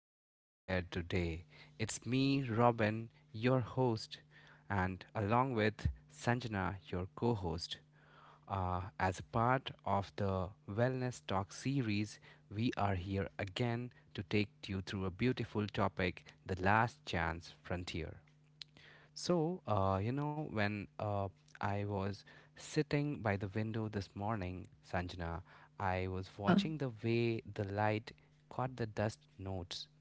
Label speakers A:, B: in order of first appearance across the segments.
A: people out there today. It's me, Robin, your host, and along with Sanjana, your co host. As a part of the Wellness Talk series, we are here again to take you through a beautiful topic the last chance frontier. When I was sitting by the window this morning, Sanjana, I was watching the
B: Yeah,
A: way the light caught the dust notes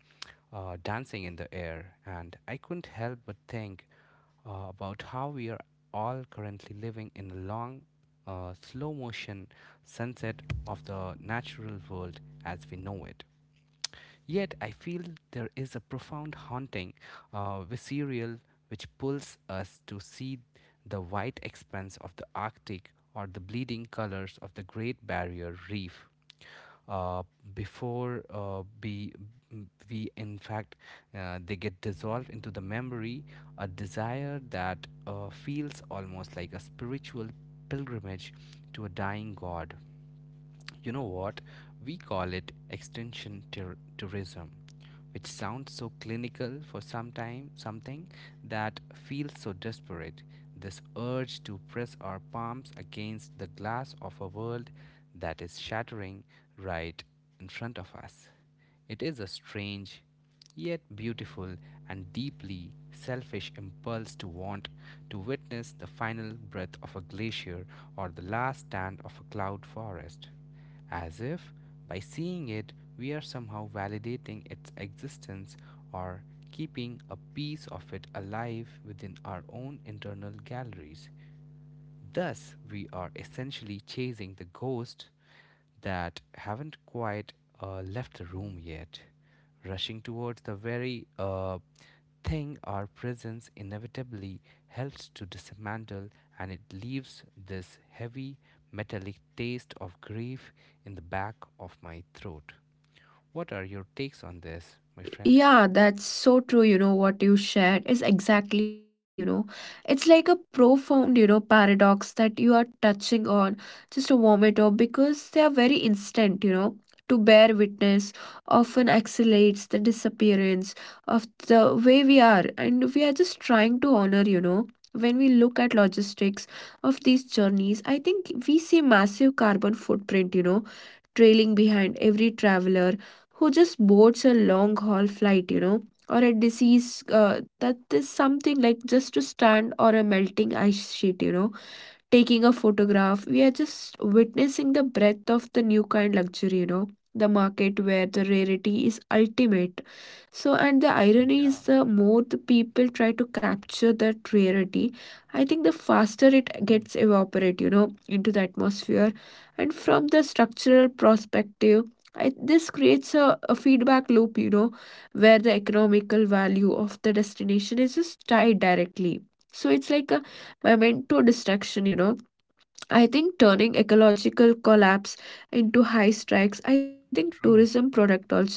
A: dancing in the air, and I couldn't help but think about how we are all currently living in a long, slow motion sunset of the natural world as we know it. Yet I feel there is a profound haunting, visceral, which pulls us to see the white expanse of the Arctic or the bleeding colors of the Great Barrier Reef. Uh, before we, in fact, they get dissolved into the memory, a desire that feels almost like a spiritual pilgrimage to a dying god. You know what? We call it tourism, which sounds so clinical for some time, something that feels so desperate. This urge to press our palms against the glass of a world that is shattering right in front of us. It is a strange, yet beautiful and deeply selfish impulse to want to witness the final breath of a glacier or the last stand of a cloud forest as if by seeing it we are somehow validating its existence or keeping a piece of it alive within our own internal galleries. Thus, we are essentially chasing the ghost that haven't quite left the room yet, rushing towards the very thing our presence inevitably helps to dismantle, and it leaves this heavy, metallic taste of grief in the back of my throat. What are your takes on this, my friend?
B: yeah, that's so true. You know, what you shared is exactly, you know, it's like a profound, you know, paradox that you are touching on just a moment of because they are very instant, you know. To bear witness often accelerates the disappearance of the way we are, and we are just trying to honor, you know. When we look at logistics of these journeys, I think we see massive carbon footprint, you know, trailing behind every traveler who just boards a long haul flight, you know, or a disease that is something like just to stand or a melting ice sheet, you know, taking a photograph. We are just witnessing the breadth of the new kind luxury, you know, the market where the rarity is ultimate. So, and the irony is the more the people try to capture that rarity, I think the faster it
A: Mm,
B: gets evaporate, you know, into the atmosphere. And from the structural perspective, I, this creates a feedback loop, you know, where the economical value of the destination is just tied directly. So it's like a memento destruction, you know, I think turning ecological collapse into high strikes, I think tourism
A: true.
B: product also.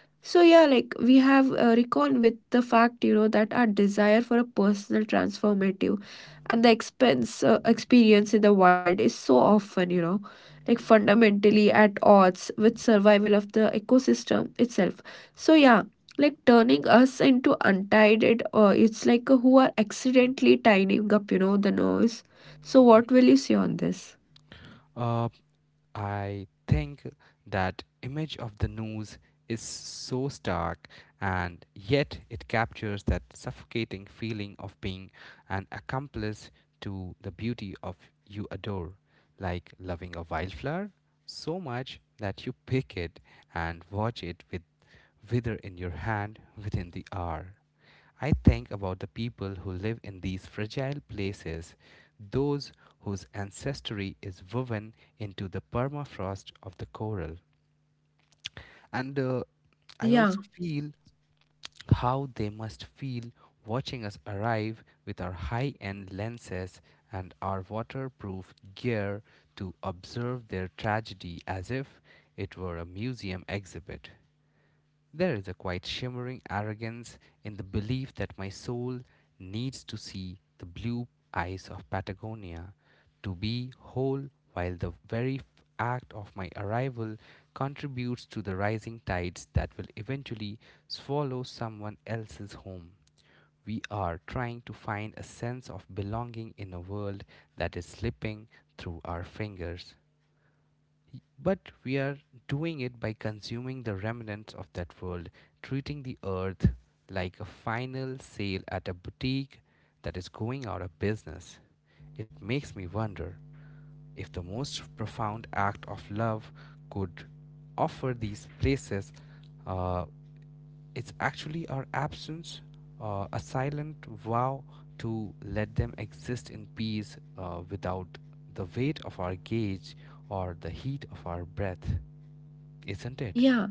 B: So yeah, like we have reckoned with the fact, you know, that our desire for a personal transformative and the expense experience in the wild is so often, you know, like fundamentally at odds with survival of the ecosystem itself. So yeah, like turning us into untied, it's like who are accidentally tidying up, you know, the noise. So what will you say on this?
A: Uh, I think that image of the noose is so stark and yet it captures that suffocating feeling of being an accomplice to the beauty of you adore, like loving a wildflower so much that you pick it and watch it with wither in your hand within the hour. I think about the people who live in these fragile places, those whose ancestry is woven into the permafrost of the coral. And I
B: Yeah,
A: also feel how they must feel watching us arrive with our high end lenses and our waterproof gear to observe their tragedy as if it were a museum exhibit. There is a quite shimmering arrogance in the belief that my soul needs to see the blue eyes of Patagonia to be whole, while the very act of my arrival contributes to the rising tides that will eventually swallow someone else's home. We are trying to find a sense of belonging in a world that is slipping through our fingers. But we are doing it by consuming the remnants of that world, treating the earth like a final sale at a boutique that is going out of business. It makes me wonder if the most profound act of love could offer these places uh, it's actually our absence, a silent vow to let them exist in peace without the weight of our gaze or the heat of our breath, isn't it?
B: yeah.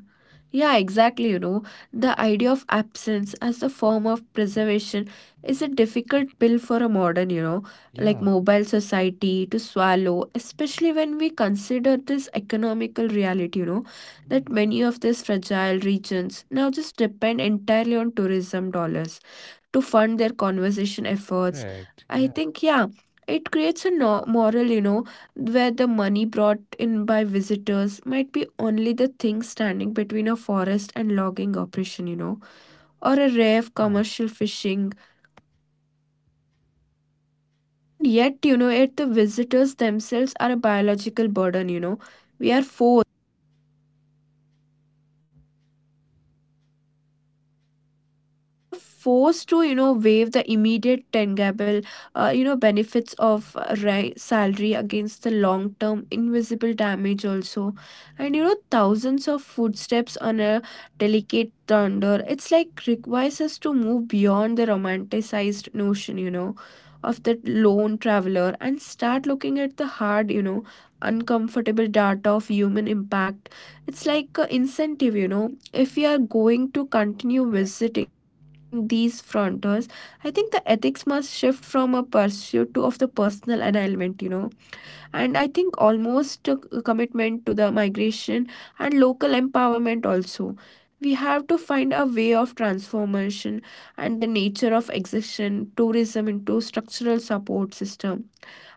B: Yeah, exactly. You know, the idea of absence as a form of preservation is a difficult pill for a modern, you know, like
A: Yeah.
B: mobile society to swallow, especially when we consider this economical reality, you know, that
A: Mm.
B: many of these fragile regions now just depend entirely on tourism dollars to fund their conservation efforts.
A: Correct.
B: I
A: Yeah,
B: think, yeah, it creates a moral, you know, where the money brought in by visitors might be only the thing standing between a forest and logging operation, you know, or a rare
A: yeah,
B: commercial fishing. And yet, you know, yet the visitors themselves are a biological burden, you know. We are forced we are forced to, you know, waive the immediate tangible you know, benefits of salary against the long term invisible damage also, and you know, thousands of footsteps on a delicate thunder, it's like requires us to move beyond the romanticized notion, you know, of the lone traveler and start looking at the hard, you know, uncomfortable data of human impact. It's like an incentive, you know, if we are going to continue
A: correct.
B: visiting these frontiers, I think the ethics must shift from a pursuit to of the personal annulment, you know. And I think almost a commitment to the migration and local empowerment also. We have to find a way of transformation and the nature of exertion tourism into structural support system,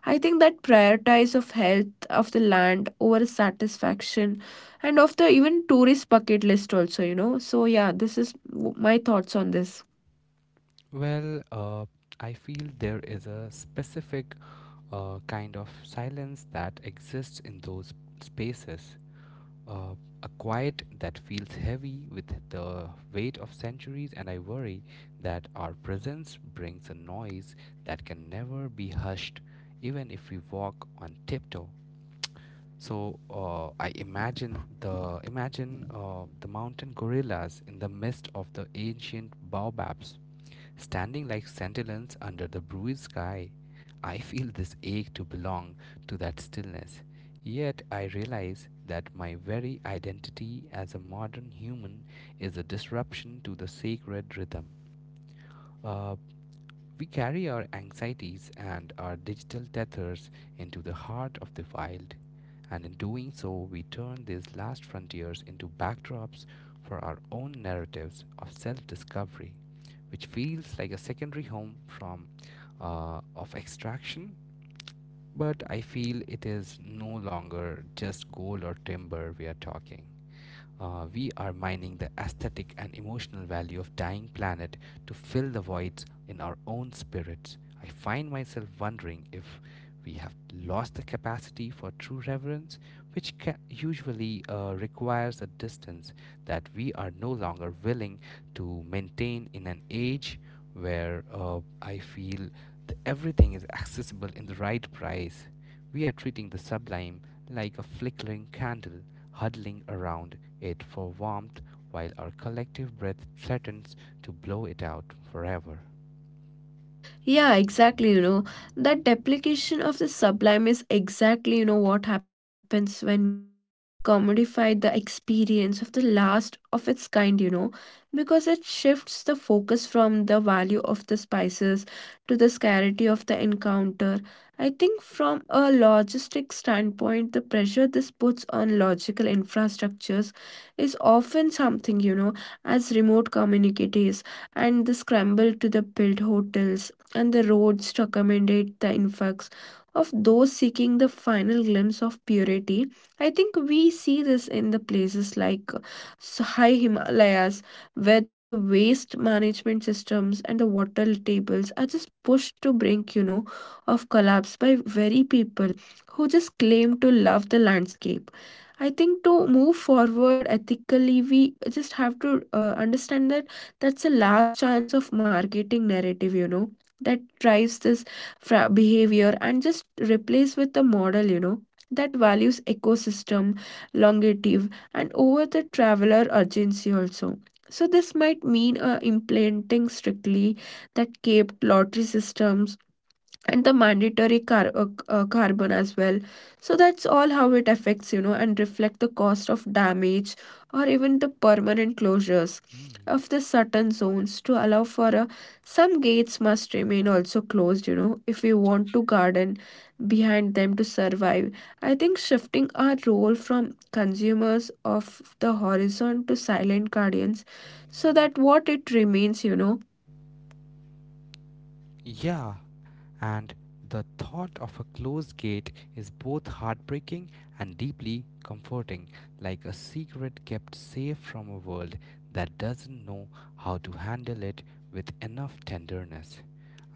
B: I think, that prioritize of health of the land over satisfaction and of the even tourist bucket list also, you know. So yeah, this is my thoughts on this.
A: Well, I feel there is a specific kind of silence that exists in those spaces. Uh, a quiet that feels heavy with the weight of centuries, and I worry that our presence brings a noise that can never be hushed, even if we walk on tiptoe. So I imagine the mountain gorillas in the midst of the ancient baobabs, standing like sentinels under the blue sky. I feel this ache to belong to that stillness. Yet I realize that my very identity as a modern human is a disruption to the sacred rhythm. Uh, we carry our anxieties and our digital tethers into the heart of the wild, and in doing so, we turn these last frontiers into backdrops for our own narratives of self discovery, which feels like a secondary home from of extraction. But I feel it is no longer just gold or timber we are talking. We are mining the aesthetic and emotional value of dying planet to fill the voids in our own spirits. I find myself wondering if we have lost the capacity for true reverence, which usually requires a distance that we are no longer willing to maintain in an age where I feel that everything is accessible in the right price. We are treating the sublime like a flickering candle huddling around it for warmth while our collective breath threatens to blow it out forever.
B: Yeah, exactly. You know, that duplication of the sublime is exactly, you know, what happens when we commodify the experience of the last of its kind, you know, because it shifts the focus from the value of the spices to the scarcity of the encounter. I think from a logistic standpoint, the pressure this puts on logical infrastructures is often something, you know, as remote communities and the scramble to the build hotels and the roads to accommodate the influx of those seeking the final glimpse of purity. I think we see this in the places like high Himalayas, where the waste management systems and the water tables are just pushed to brink, you know, of collapse by very people who just claim to love the landscape. I think to move forward ethically, we just have to understand that that's a last chance of marketing narrative, you know, that drives this behavior and just replace with a model, you know, that values ecosystem longevity and over the traveler urgency also. So this might mean implementing strictly that capped lottery systems and the mandatory carbon as well, so that's all how it affects, you know, and reflect the cost of damage, or even the permanent closures
A: Mm.
B: of the certain zones to allow for a some gates must remain also closed, you know, if we want to garden behind them to survive. I think shifting our role from consumers of the horizon to silent guardians, so that what it remains, you know.
A: Yeah, and the thought of a closed gate is both heartbreaking and deeply comforting, like a secret kept safe from a world that doesn't know how to handle it with enough tenderness.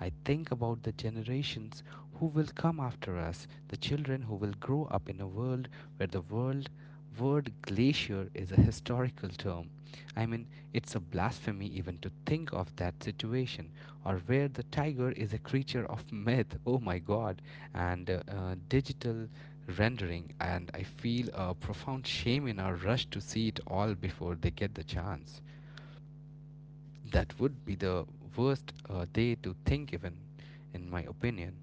A: I think about the generations who will come after us, the children who will grow up in a world where the world word glacier is a historical term. I mean, it's a blasphemy even to think of that situation, or where the tiger is a creature of myth, oh my god, and digital rendering. And I feel a profound shame in our rush to see it all before they get the chance. That would be the worst day to think even, in my opinion.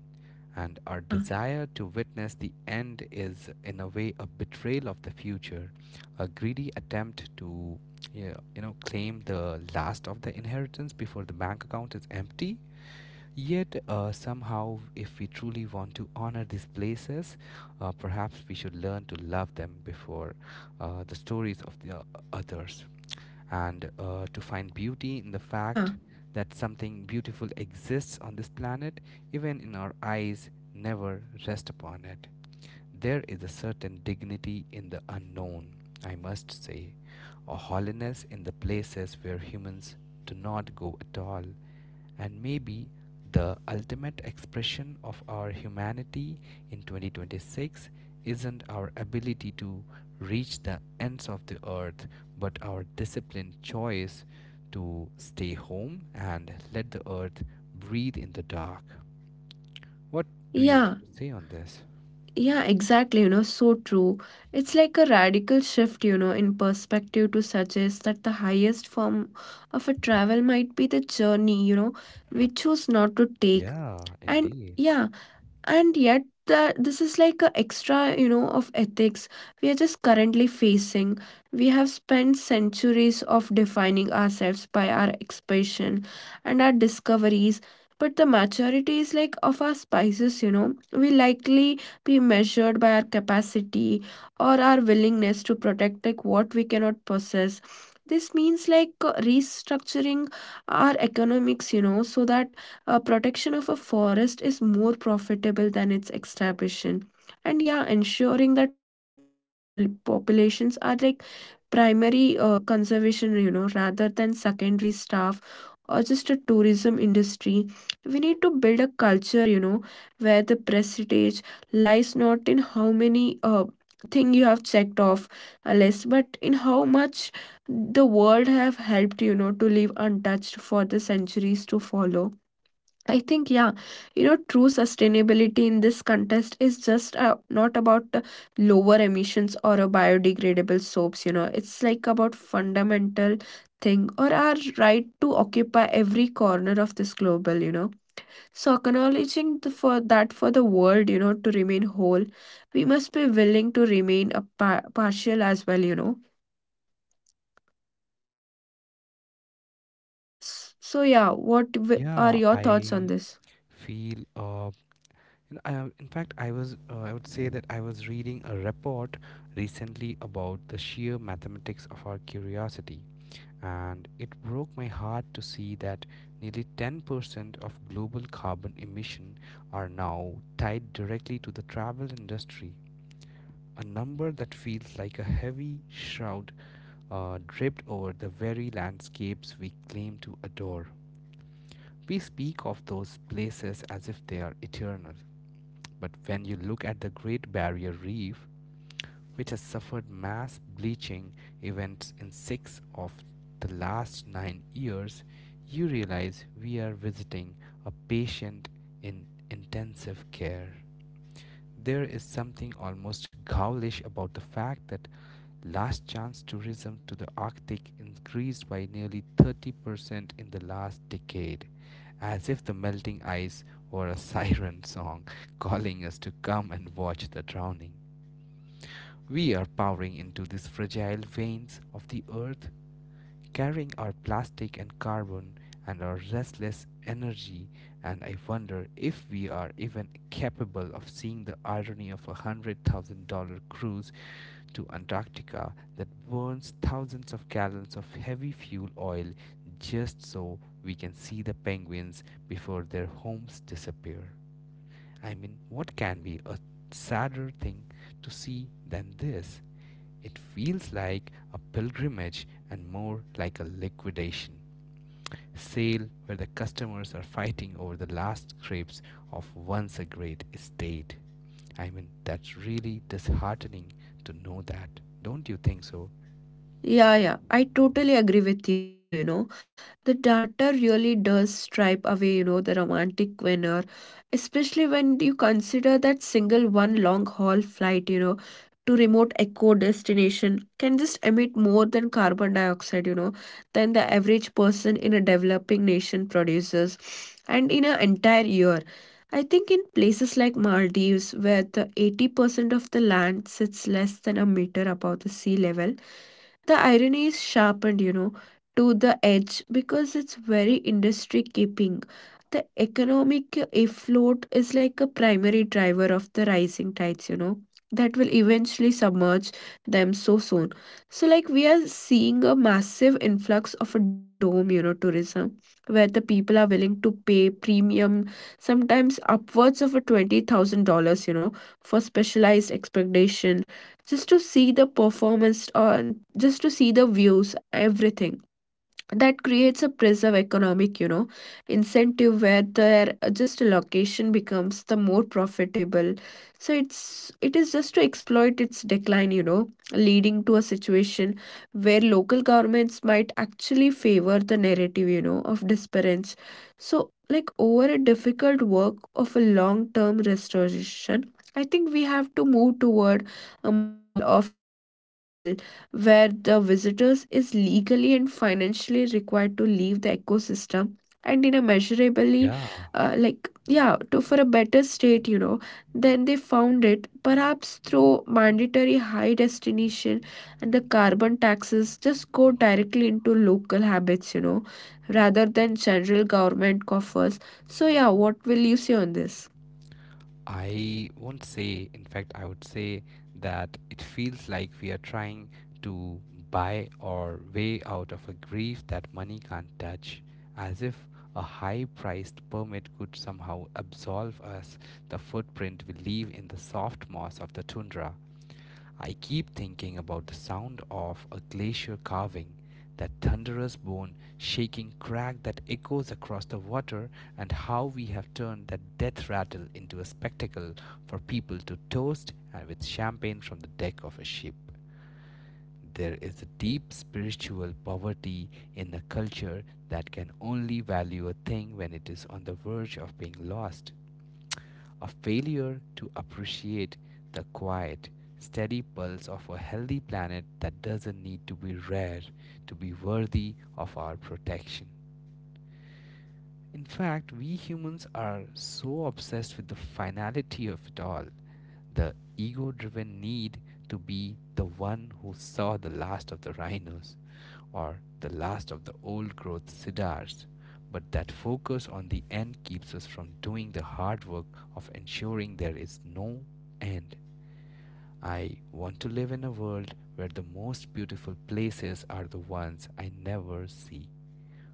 A: And our
B: yeah
A: desire to witness the end is in a way a betrayal of the future, a greedy attempt to, yeah, claim the last of the inheritance before the bank account is empty. Yet, somehow, if we truly want to honor these places, perhaps we should learn to love them before the stories of the others, and to find beauty in the
B: yeah
A: fact that something beautiful exists on this planet, even in our eyes, never rest upon it. There is a certain dignity in the unknown, I must say, a holiness in the places where humans do not go at all. And maybe the ultimate expression of our humanity in 2026 isn't our ability to reach the ends of the earth, but our disciplined choice to stay home and let the earth breathe in the dark. What do you
B: yeah
A: want to say on this?
B: Yeah, exactly. You know, so true. It's like a radical shift, you know, in perspective to suggest that the highest form of a travel might be the journey, you know, we choose not to take.
A: Yeah,
B: And
A: indeed.
B: yeah, and yet that this is like a extra, you know, of ethics we are just currently facing. We have spent centuries of defining ourselves by our expression and our discoveries, but the maturity is like of our spices, you know, we likely be measured by our capacity or our willingness to protect like what we cannot possess. This means like restructuring our economics, you know, so that protection of a forest is more profitable than its extraction. And yeah, ensuring that local populations are like primary conservation, you know, rather than secondary staff or just a tourism industry. We need to build a culture, you know, where the prestige lies not in how many thing you have checked off a list, but in how much the world have helped, you know, to live untouched for the centuries to follow. I think, yeah, you know, true sustainability in this contest is just not about lower emissions or a biodegradable soaps, you know, it's like about fundamental thing or our right to occupy every corner of this global, you know. So acknowledging the, for that for the world, you know, to remain whole, we must be willing to remain a partial as well, you know. So yeah, what are
A: Yeah,
B: your thoughts on
A: I
B: this?
A: feel in fact, I would say that I was reading a report recently about the sheer mathematics of our curiosity, and it broke my heart to see that nearly 10% of global carbon emission are now tied directly to the travel industry. A number that feels like a heavy shroud draped over the very landscapes we claim to adore. We speak of those places as if they are eternal, but when you look at the Great Barrier Reef, which has suffered mass bleaching events in six of the last 9 years, you realize we are visiting a patient in intensive care. There is something almost ghoulish about the fact that last chance tourism to the Arctic increased by nearly 30% in the last decade, as if the melting ice were a siren song calling us to come and watch the drowning. We are powering into these fragile veins of the earth, carrying our plastic and carbon and our restless energy, and I wonder if we are even capable of seeing the irony of a $100,000 cruise to Antarctica that burns thousands of gallons of heavy fuel oil just so we can see the penguins before their homes disappear. I mean, what can be a sadder thing to see than this? It feels like a pilgrimage and more like a liquidation sale where the customers are fighting over the last scraps of once a great estate. I mean, that's really disheartening to know that. Don't you think so?
B: Yeah, I totally agree with you. You know, the data really does stripe away, you know, the romantic winner, especially when you consider that single one long haul flight, you know, to remote eco destination can just emit more than carbon dioxide, you know, than the average person in a developing nation produces and in an entire year. I think in places like maldives where the 80% of the land sits less than a meter above the sea level, the irony is sharpened, you know, to the edge because it's very industry keeping the economic afloat is like a primary driver of the rising tides, you know, that will eventually submerge them so soon. So, like, we are seeing a massive influx of a dome, you know, tourism where the people are willing to pay premium, sometimes upwards of a $20,000, you know, for specialized expectation just to see the performance or just to see the views, everything that creates a preserve economic, you know, incentive where their just location becomes the more profitable, so it is just to exploit its decline, you know, leading to a situation where local governments might actually favor the narrative, you know, of disparage, so like over a difficult work of a long term restoration. I think we have to move toward a model of travel where the visitors is legally and financially required to leave the ecosystem and in a measurably
A: Yeah,
B: like yeah to for a better state, you know, than they found it, perhaps through mandatory high destination and the carbon taxes just go directly into local habits, you know, rather than general government coffers. So yeah, what will you say on this?
A: I won't say. In fact, I would say that it feels like we are trying to buy our way out of a grief that money can't touch, as if a high priced permit could somehow absolve us the footprint we leave in the soft moss of the tundra. I keep thinking about the sound of a glacier carving, that thunderous bone shaking crack that echoes across the water, and how we have turned that death rattle into a spectacle for people to toast and with champagne from the deck of a ship. There is a deep spiritual poverty in a culture that can only value a thing when it is on the verge of being lost, a failure to appreciate the quiet, steady pulse of a healthy planet that doesn't need to be rare to be worthy of our protection. In fact, we humans are so obsessed with the finality of it all, the ego driven need to be the one who saw the last of the rhinos or the last of the old growth cedars. But that focus on the end keeps us from doing the hard work of ensuring there is no end. I want to live in a world where the most beautiful places are the ones I never see,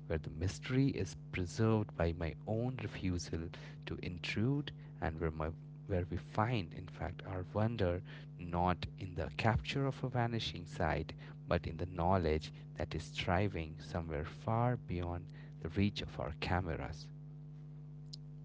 A: where the mystery is preserved by my own refusal to intrude, and where we find, in fact, our wonder not in the capture of a vanishing sight but in the knowledge that is striving somewhere far beyond the reach of our cameras.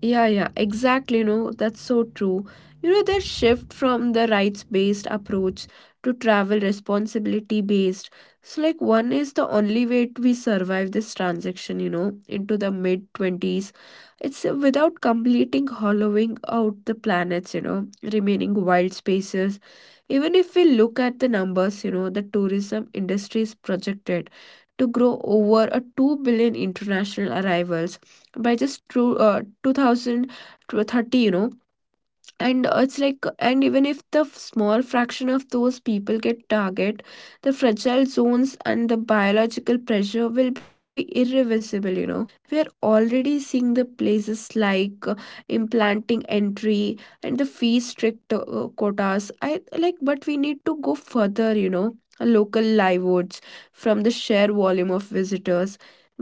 B: Yeah, exactly. You know, that's so true. You know, that shift from the rights-based approach to travel responsibility-based. So, like, one is the only way we survive this transaction, you know, into the mid-20s. It's without completing hollowing out the planets, you know, remaining wild spaces. Even if we look at the numbers, you know, the tourism industry is projected to grow over a 2 billion international arrivals by just two two 2030, you know. And uh, it's like and even if the small fraction of those people get target the fragile zones, and the biological pressure will be irreversible, you know. We are already seeing the places like implanting entry and the fee strict quotas, I like but we need to go further, you know, local livelihoods from the sheer volume of visitors.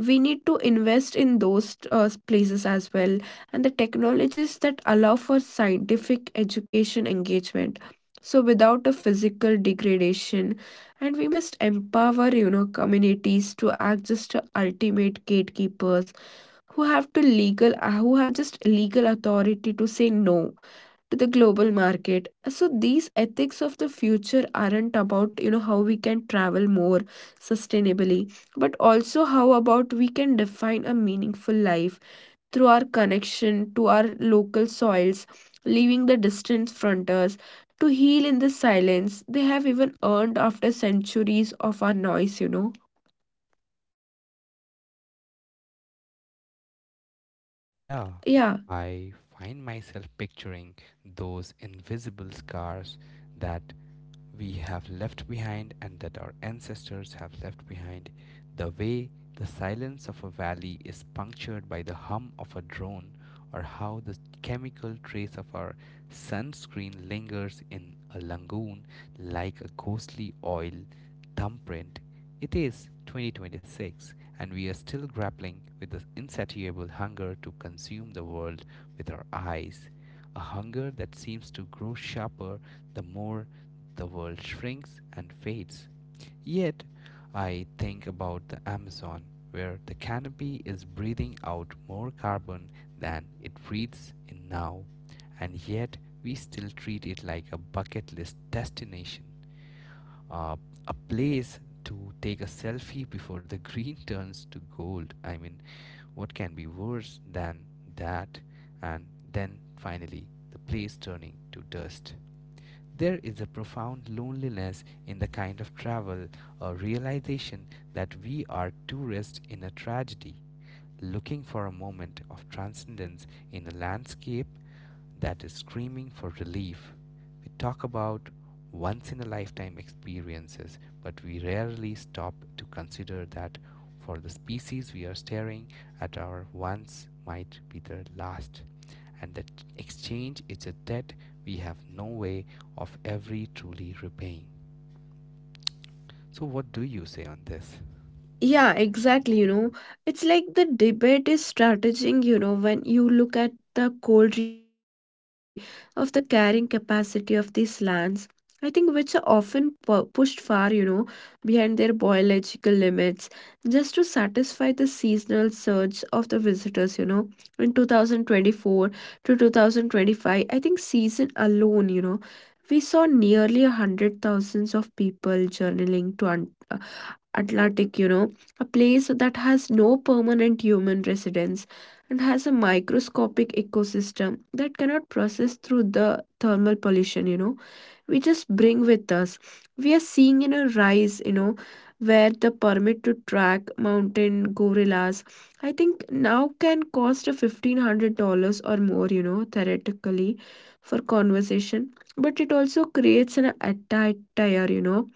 B: We need to invest in those places as well, and the technologies that allow for scientific education engagement, so without a physical degradation. And we must empower, you know, communities to act just a ultimate gatekeepers who have just legal authority to say no to the global market. So these ethics of the future aren't about, you know, how we can travel more sustainably, but also how about we can define a meaningful life through our connection to our local soils, leaving the distant frontiers to heal in the silence they have even earned after centuries of our noise.
A: Yeah.
B: Yeah.
A: I find myself picturing those invisible scars that we have left behind and that our ancestors have left behind, the way the silence of a valley is punctured by the hum of a drone, or how the chemical trace of our sunscreen lingers in a lagoon like a ghostly oil thumbprint. It is 2026, and we are still grappling with the insatiable hunger to consume the world with our eyes, a hunger that seems to grow sharper the more the world shrinks and fades. Yet, I think about the Amazon, where the canopy is breathing out more carbon than it breathes in now, and yet we still treat it like a bucket list destination, uh, a place to take a selfie before the green turns to gold. I mean, what can be worse than that? And then finally, the place turning to dust. There is a profound loneliness in the kind of travel, a realization that we are tourists in a tragedy, looking for a moment of transcendence in a landscape that is screaming for relief. We talk about once in a lifetime experiences, but we rarely stop to consider that for the species we are staring at, our once might be their last. And that exchange is a debt we have no way of every truly repaying. So, what do you say on this?
B: Yeah, exactly. You know, it's like the debate is strategizing, you know, when you look at the cold reality of the carrying capacity of these lands, I think, which are often pu pushed far, you know, behind their biological limits just to satisfy the seasonal surge of the visitors, you know. In 2024 to 2025, I think season alone, you know, we saw nearly 100,000s of people journaling to Atlantic, you know, a place that has no permanent human residence and has a microscopic ecosystem that cannot process through the thermal pollution, you know, we just bring with us. We are seeing in a rise, you know, where the permit to track mountain gorillas, I think, now can cost a $1,500 or more, you know, theoretically for conversation. But it also creates an attire, you know,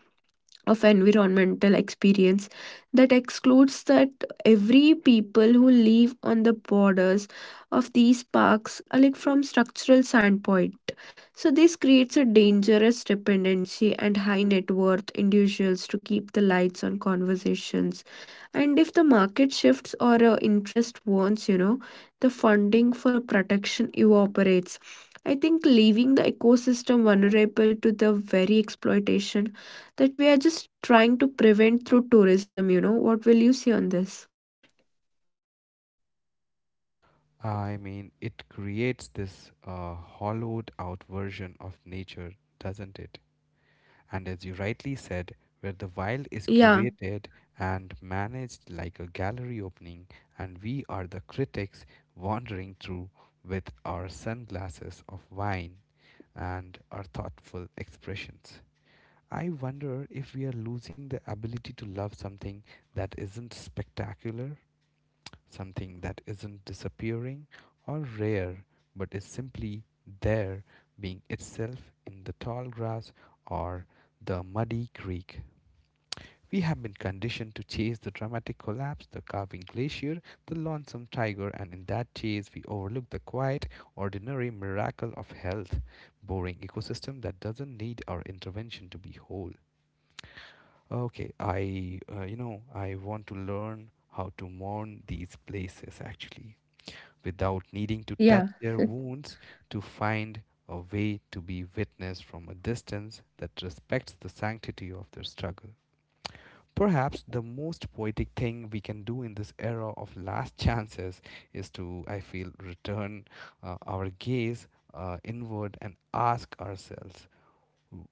B: of environmental experience that excludes that every people who live on the borders of these parks are like from structural standpoint. So this creates a dangerous dependency and high net worth individuals to keep the lights on conversations. And if the market shifts or interest warns, you know, the funding for a protection evaporates. I think leaving the ecosystem vulnerable to the very exploitation that we are just trying to prevent through tourism, you know. What will you say on this?
A: I mean, it creates this hollowed out version of nature, doesn't it? And as you rightly said, where the wild is
B: Yeah,
A: curated and managed like a gallery opening, and we are the critics wandering through with our sunglasses of wine and our thoughtful expressions. I wonder if we are losing the ability to love something that isn't spectacular, something that isn't disappearing or rare, but is simply there, being itself in the tall grass or the muddy creek. We have been conditioned to chase the dramatic collapse, the carving glacier, the lonesome tiger, and in that chase, we overlook the quiet, ordinary miracle of health, boring ecosystem that doesn't need our intervention to be whole. Okay, I want to learn how to mourn these places actually without needing to touch
B: yeah.
A: their wounds, to find a way to be witnessed from a distance that respects the sanctity of their struggle. Perhaps the most poetic thing we can do in this era of last chances is to, I feel, return our gaze inward and ask ourselves,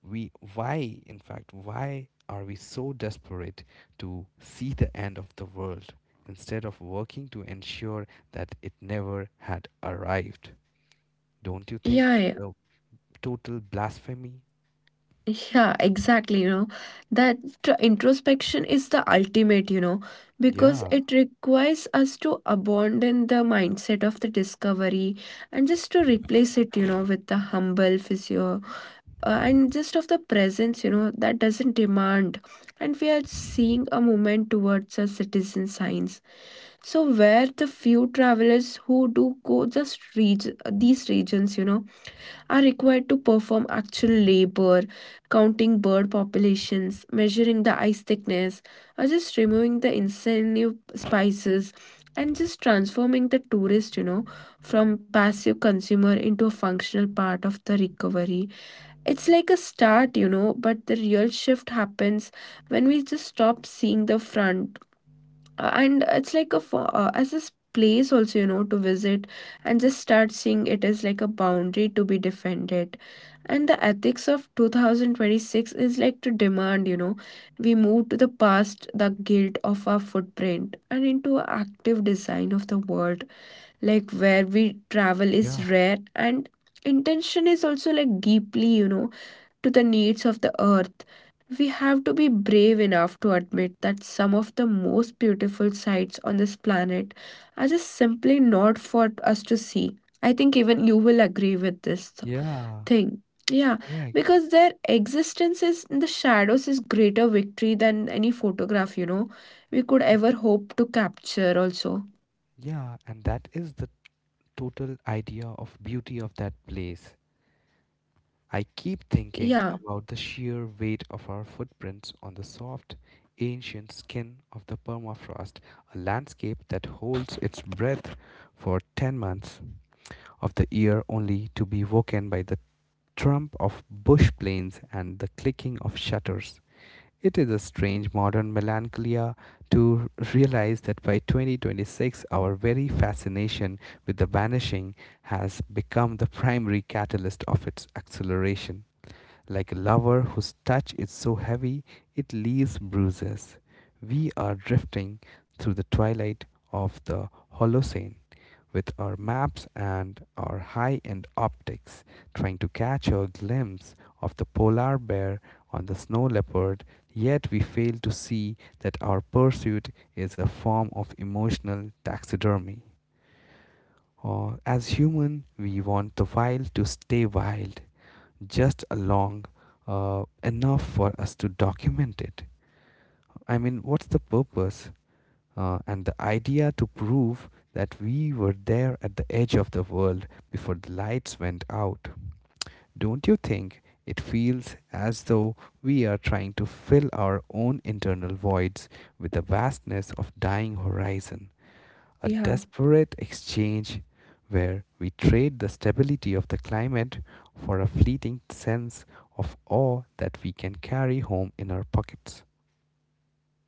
A: we why in fact why are we so desperate to see the end of the world instead of working to ensure that it never had arrived? Don't you think
B: Yeah,
A: it's
B: yeah.
A: a total blasphemy?
B: Yeah, exactly. You know, that introspection is the ultimate, you know, because
A: Yeah,
B: it requires us to abandon the mindset of the discovery and just to replace it, you know, with the humble physio and just of the presence, you know, that doesn't demand. And we are seeing a movement towards a citizen science. So where the few travelers who do go just reach these regions, you know, are required to perform actual labor, counting bird populations, measuring the ice thickness, or just removing the incentive spices, and just transforming the tourist, you know, from passive consumer into a functional part of the recovery. It's like a start, you know, but the real shift happens when we just stop seeing the front and it's like a as this place also, you know, to visit, and just start seeing it as like a boundary to be defended. And the ethics of 2026 is like to demand, you know, we move to the past the guilt of our footprint and into active design of the world, like where we travel
A: yeah,
B: is rare and intention is also like deeply, you know, to the needs of the earth. We have to be brave enough to admit that some of the most beautiful sights on this planet are just simply not for us to see. I think even you will agree with this
A: yeah.
B: thing. Yeah,
A: Correct.
B: because their existence is in the shadows is greater victory than any photograph, you know, we could
A: Yes.
B: ever hope to capture also.
A: Yeah, and that is the total idea of beauty of that place. I keep thinking
B: Yeah,
A: about the sheer weight of our footprints on the soft, ancient skin of the permafrost, a landscape that holds its breath for 10 months of the year only to be woken by the trump of bush planes and the clicking of shutters. It is a strange modern melancholia to realize that by 2026 our very fascination with the vanishing has become the primary catalyst of its acceleration, like a lover whose touch is so heavy it leaves bruises. We are drifting through the twilight of the Holocene with our maps and our high end optics, trying to catch a glimpse of the polar bear on the snow leopard, yet we fail to see that our pursuit is a form of emotional taxidermy. Or as human, we want the wild to stay wild, just along enough for us to document it. I mean, what's the purpose and the idea to prove that we were there at the edge of the world before the lights went out? Don't you think it feels as though we are trying to fill our own internal voids with the vastness of dying horizon? A
B: yeah.
A: desperate exchange where we trade the stability of the climate for a fleeting sense of awe that we can carry home in our pockets.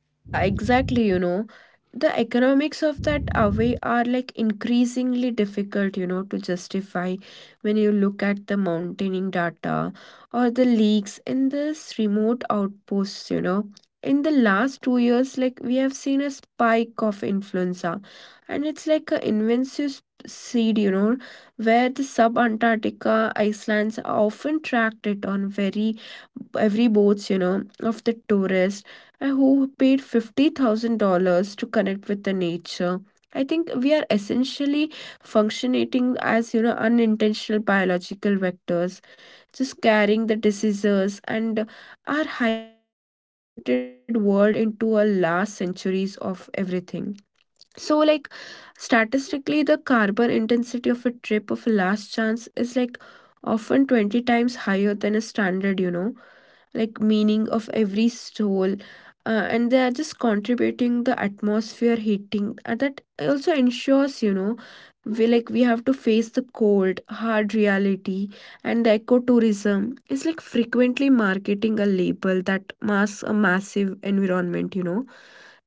B: Yeah, exactly, you know. The economics of that away are like increasingly difficult, you know, to justify when you look at the mountaineering data or the leaks in this remote outposts, you know. In the last 2 years, like we have seen a spike of influenza, and it's like a invasive seed, you know, where the sub-Antarctica icelands often tracked it on very every boats, you know, of the tourists who paid $50,000 to connect with the nature. I think we are essentially functionating as, you know, unintentional biological vectors, just carrying the diseases and our hyper connected world into a last centuries of everything. So, like, statistically, the carbon intensity of a trip of a last chance is like often 20 times higher than a standard, you know, like meaning of every soul. And they are just contributing the atmosphere heating, and that also ensures, you know, we like we have to face the cold hard reality. And the ecotourism is like frequently marketing a label that masks a massive environment, you know,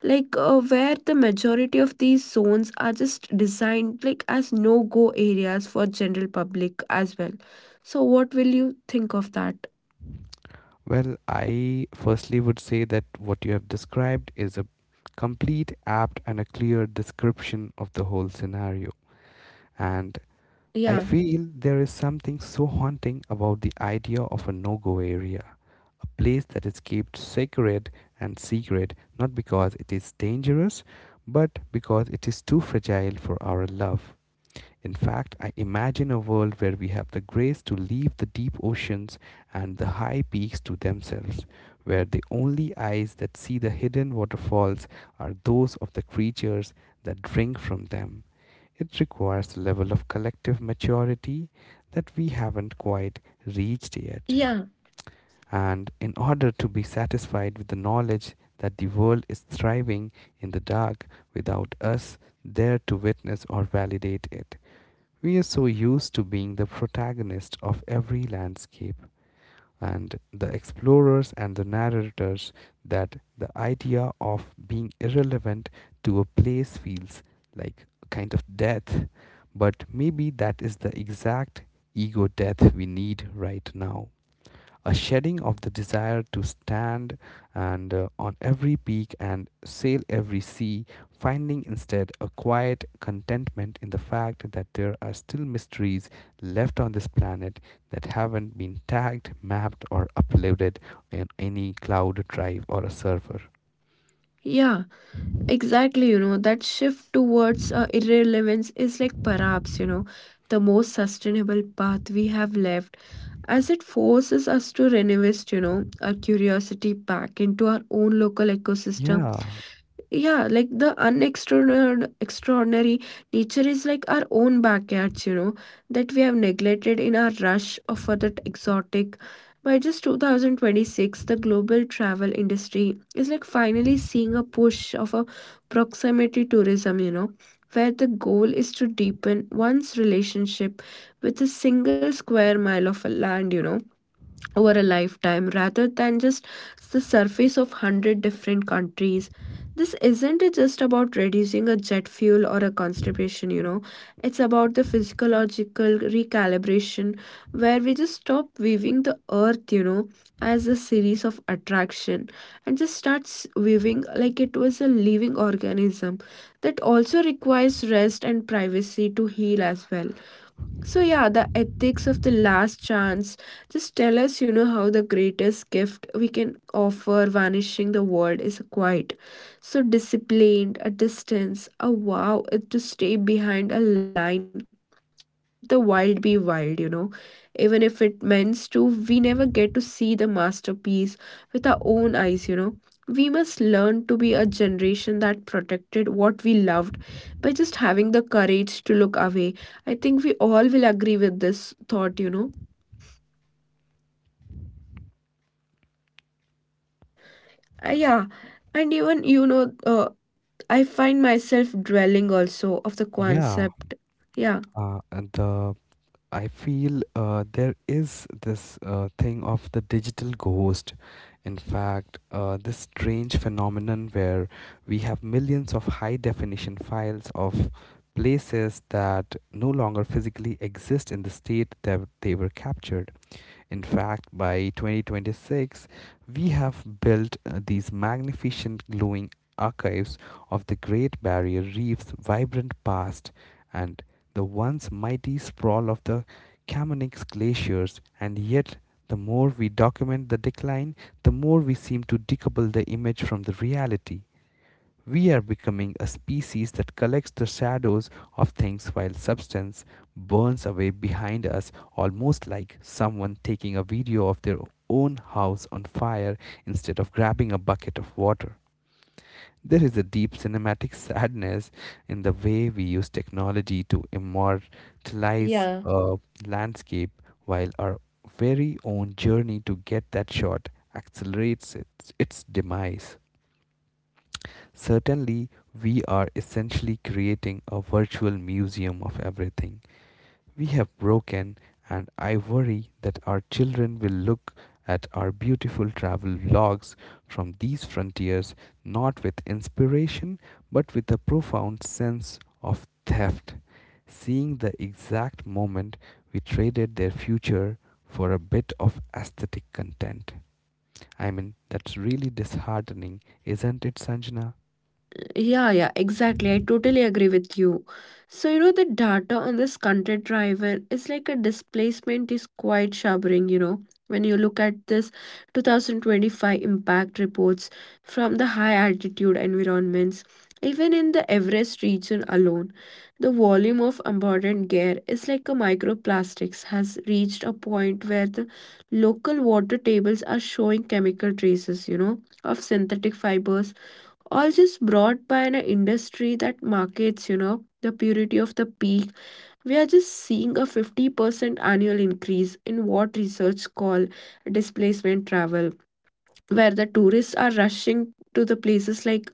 B: like where the majority of these zones are just designed like as no go areas for general public as well. So what will you think of that?
A: Well, I firstly would say that what you have described is a complete, apt, and a clear description of the whole scenario. And I
B: Yeah,
A: feel there is something so haunting about the idea of a no go area, a place that is kept sacred and secret not because it is dangerous, but because it is too fragile for our love. In fact, I imagine a world where we have the grace to leave the deep oceans and the high peaks to themselves, where the only eyes that see the hidden waterfalls are those of the creatures that drink from them. It requires a level of collective maturity that we haven't quite reached yet.
B: yeah,
A: And in order to be satisfied with the knowledge that the world is thriving in the dark without us there to witness or validate it, we are so used to being the protagonist of every landscape and the explorers and the narrators that the idea of being irrelevant to a place feels like a kind of death. But maybe that is the exact ego death we need right now, a shedding of the desire to stand and on every peak and sail every sea, finding instead a quiet contentment in the fact that there are still mysteries left on this planet that haven't been tagged, mapped, or uploaded in any cloud drive or a server.
B: yeah, exactly. You know, that shift towards irrelevance is like perhaps, you know, the most sustainable path we have left, as it forces us to reinvest, you know, our curiosity back into our own local ecosystem.
A: Yeah,
B: Yeah, like the unextraordinary extraordinary nature is like our own backyards, you know, that we have neglected in our rush of for that exotic. By just 2026, the global travel industry is like finally seeing a push of a proximity tourism, you know, where the goal is to deepen one's relationship with a single square mile of a land, you know, over a lifetime rather than just the surface of 100 different countries. This isn't just about reducing a jet fuel or a constipation, you know, it's about the physiological recalibration where we just stop viewing the earth, you know, as a series of attraction, and just starts viewing like it was a living organism that also requires rest and privacy to heal as well. So yeah, the ethics of the last chance just tell us, you know, how the greatest gift we can offer vanishing the world is quiet. So disciplined, a distance, a wow, it to stay behind a line. I think let the wild be wild, you know. Even if it means to, we never get to see the masterpiece with our own eyes, you know. We must learn to be a generation that protected what we loved by just having the courage to look away. I think we all will agree with this thought, you know. Uh, yeah, and even, you know, I find myself dwelling also of the
A: yeah.
B: concept. Yeah.
A: And the I feel there is this thing of the digital ghost. In fact, this strange phenomenon where we have millions of high definition files of places that no longer physically exist in the state that they were captured. In fact, by 2026, we have built these magnificent glowing archives of the Great Barrier Reef's vibrant past and the once mighty sprawl of the Chamonix glaciers, and yet the more we document the decline, the more we seem to decouple the image from the reality. We are becoming a species that collects the shadows of things while substance burns away behind us, almost like someone taking a video of their own house on fire instead of grabbing a bucket of water. There is a deep cinematic sadness in the way we use technology to
B: Yeah.
A: immortalize a landscape while our very own journey to get that shot accelerates its demise. Certainly, we are essentially creating a virtual museum of everything we have broken, and I worry that our children will look at our beautiful travel logs from these frontiers not with inspiration but with a profound sense of theft, seeing the exact moment we traded their future for a bit of aesthetic content. I mean, that's really disheartening, isn't it, Sanjana?
B: Yeah, yeah, exactly. I totally agree with you. So, you know, the data on this content driver is like a displacement is quite shivering, you know. When you look at this 2025 impact reports from the high altitude environments, even in the Everest region alone, the volume of abundant air is like a microplastics has reached a point where the local water tables are showing chemical traces, you know, of synthetic fibers or just brought by an industry that markets, you know, the purity of the peak. We are just seeing a 50% annual increase in what research call displacement travel, where the tourists are rushing to the places like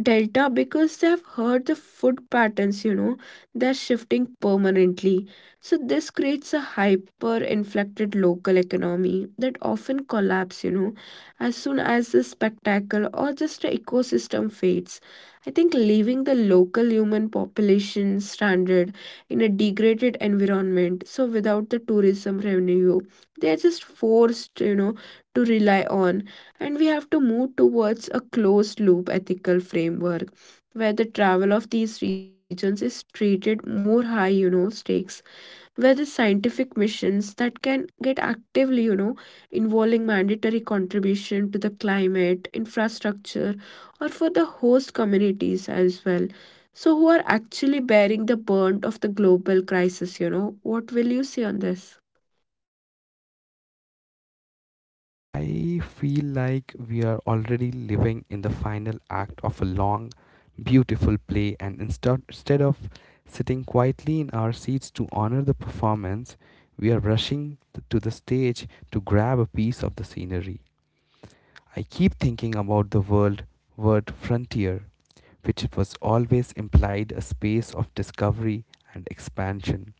B: Delta because they have heard the food patterns, you know, they're shifting permanently. So this creates a hyper inflected local economy that often collapse, you know, as soon as the spectacle or just the ecosystem fades. I think leaving the local human population stranded in a degraded environment, so without the tourism revenue, they are just forced, you know, to rely on. And we have to move towards a closed loop ethical framework where the travel of these regions is treated more high, you know, stakes, where the scientific missions that can get actively, you know, involving mandatory contribution to the climate infrastructure or for the host communities as well. So who are actually bearing the burden of the global crisis, you know. What will you say on this?
A: I feel like we are already living in the final act of a long, beautiful play, and instead of sitting quietly in our seats to honor the performance, we are rushing to the stage to grab a piece of the scenery. I keep thinking about the world word frontier, which was always implied a space of discovery and expansion.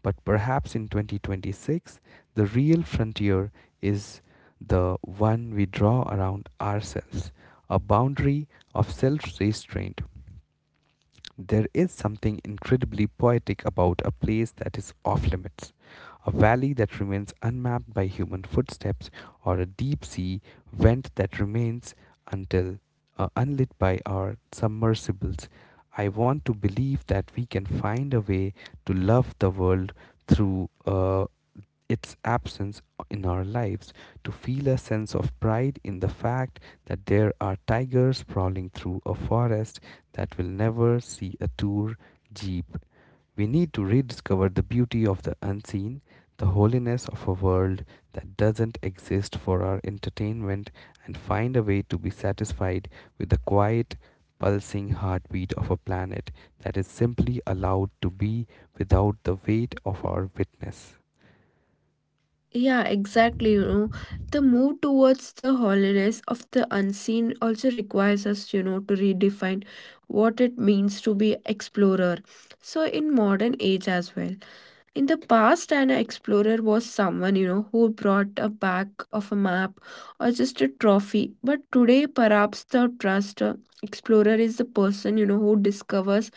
A: But perhaps in 2026, the real frontier is the one we draw around ourselves, a boundary of self restraint. There is something incredibly poetic about a place that is off limits, a valley that remains unmapped by human footsteps, or a deep sea vent that remains until unlit by our submersibles. I want to believe that we can find a way to love the world through its absence in our lives, to feel a sense of pride in the fact that there are tigers prowling through a forest that will never see a tour jeep. We need to rediscover the beauty of the unseen, the holiness of a world that doesn't exist for our entertainment, and find a way to be satisfied with the quiet, pulsing heartbeat of a planet that is simply allowed to be without the weight of our witness.
B: Yeah, exactly. You know, the move towards the holiness of the unseen also requires us, you know, to redefine what it means to be explorer. So in modern age as well. In the past, an explorer was someone, you know, who brought a back of a map or just a trophy. But today, perhaps the trust explorer is the person, you know, who discovers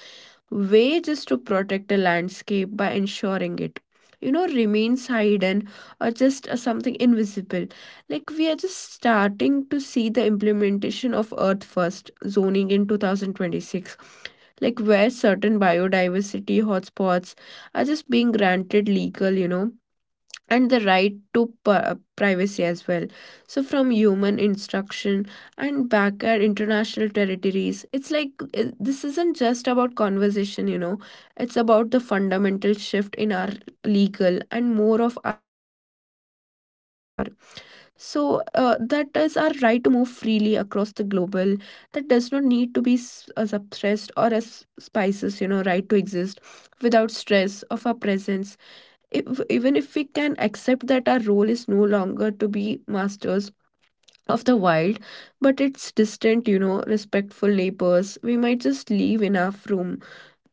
B: way just to protect a landscape by ensuring it, you know, remains hidden or just something invisible. Like we are just starting to see the implementation of earth first zoning in 2026, like where certain biodiversity hotspots are just being granted legal, you know, and the right to privacy as well. So from human instruction and back at international territories, it's like this isn't just about conversation, you know, it's about the fundamental shift in our legal and more of architecture. So, that is our right to move freely across the global that does not need to be suppressed or as spices, you know, right to exist without stress of our presence if, even if we can accept that our role is no longer to be masters of the wild, but it's distant, you know, respectful neighbors. We might just leave enough room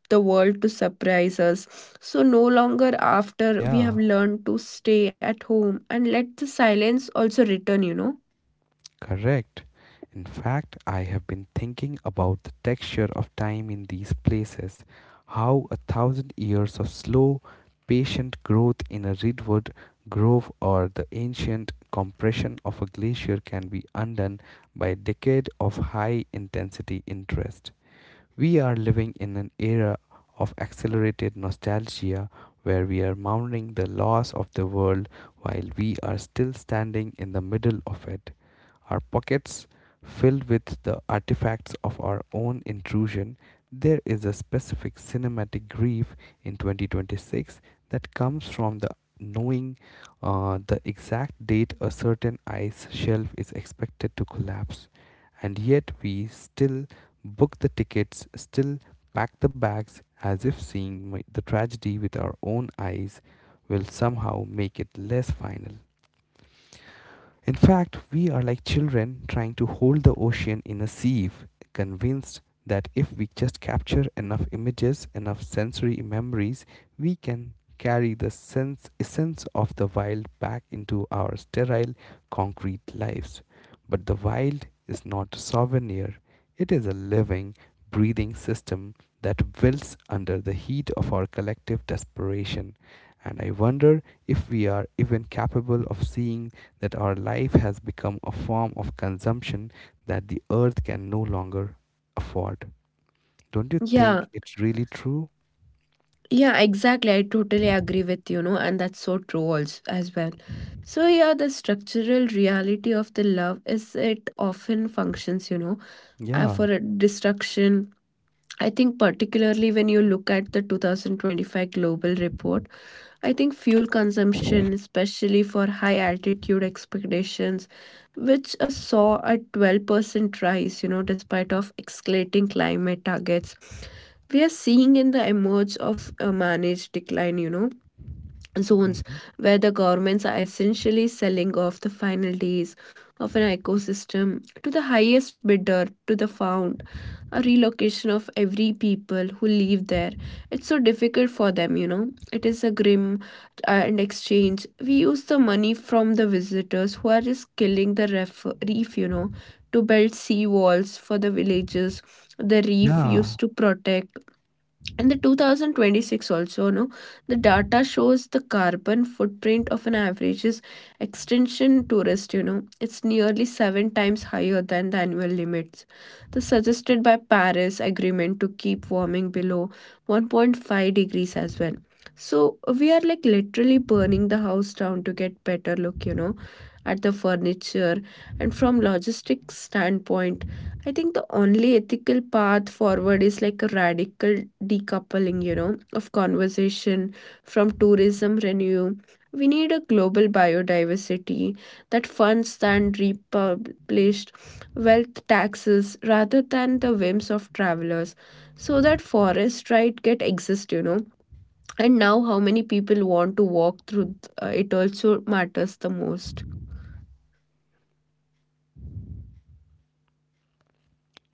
B: the world to surprise us. So no longer after we have
A: Yeah,
B: learned to stay at home and let the silence also return, you know.
A: correct. In fact, I have been thinking about the texture of time in these places, how a thousand years of slow, patient growth in a redwood grove or the ancient compression of a glacier can be undone by a decade of high intensity interest. We are living in an era of accelerated nostalgia where we are mourning the loss of the world while we are still standing in the middle of it, our pockets filled with the artifacts of our own intrusion. There is a specific cinematic grief in 2026 that comes from the knowing the exact date a certain ice shelf is expected to collapse, and yet we still book the tickets, still pack the bags as if seeing the tragedy with our own eyes will somehow make it less final. In fact, we are like children trying to hold the ocean in a sieve, convinced that if we just capture enough images, enough sensory memories, we can carry the sense essence of the wild back into our sterile concrete lives. But the wild is not a souvenir, it is a living, breathing system that wilts under the heat of our collective desperation. And I wonder if we are even capable of seeing that our life has become a form of consumption that the earth can no longer afford. Don't you think
B: Yeah,
A: it's really true?
B: yeah, exactly, I totally agree with you know, and that's so true also, as well. So yeah, the structural reality of the love is it often functions, you know,
A: Yeah.
B: for a destruction. I think, particularly when you look at the 2025 global report, I think fuel consumption, especially for high altitude expeditions, which saw a 12% rise, you know, despite of escalating climate targets. We are seeing in the emerge of a managed decline, you know, zones
A: Mhm.
B: where the governments are essentially selling off the final days of an ecosystem to the highest bidder, to the found, a relocation of every people who live there. It's so difficult for them, you know. It is a grim and exchange. We use the money from the visitors who are just killing the reef, you know, to build sea walls for the villages the reef
A: Yeah.
B: used to protect in the 2026 also. No, the data shows the carbon footprint of an average is extension tourist, you know, it's nearly 7 times higher than the annual limits the suggested by Paris agreement to keep warming below 1.5 degrees as well. So we are like literally burning the house down to get better look, you know, at the furniture. And from logistics standpoint, I think the only ethical path forward is like a radical decoupling, you know, of conversation from tourism renew. We need a global biodiversity that funds and republished wealth taxes rather than the whims of travelers, so that forest right get exist, you know. And now how many people want to walk through it also matters the most.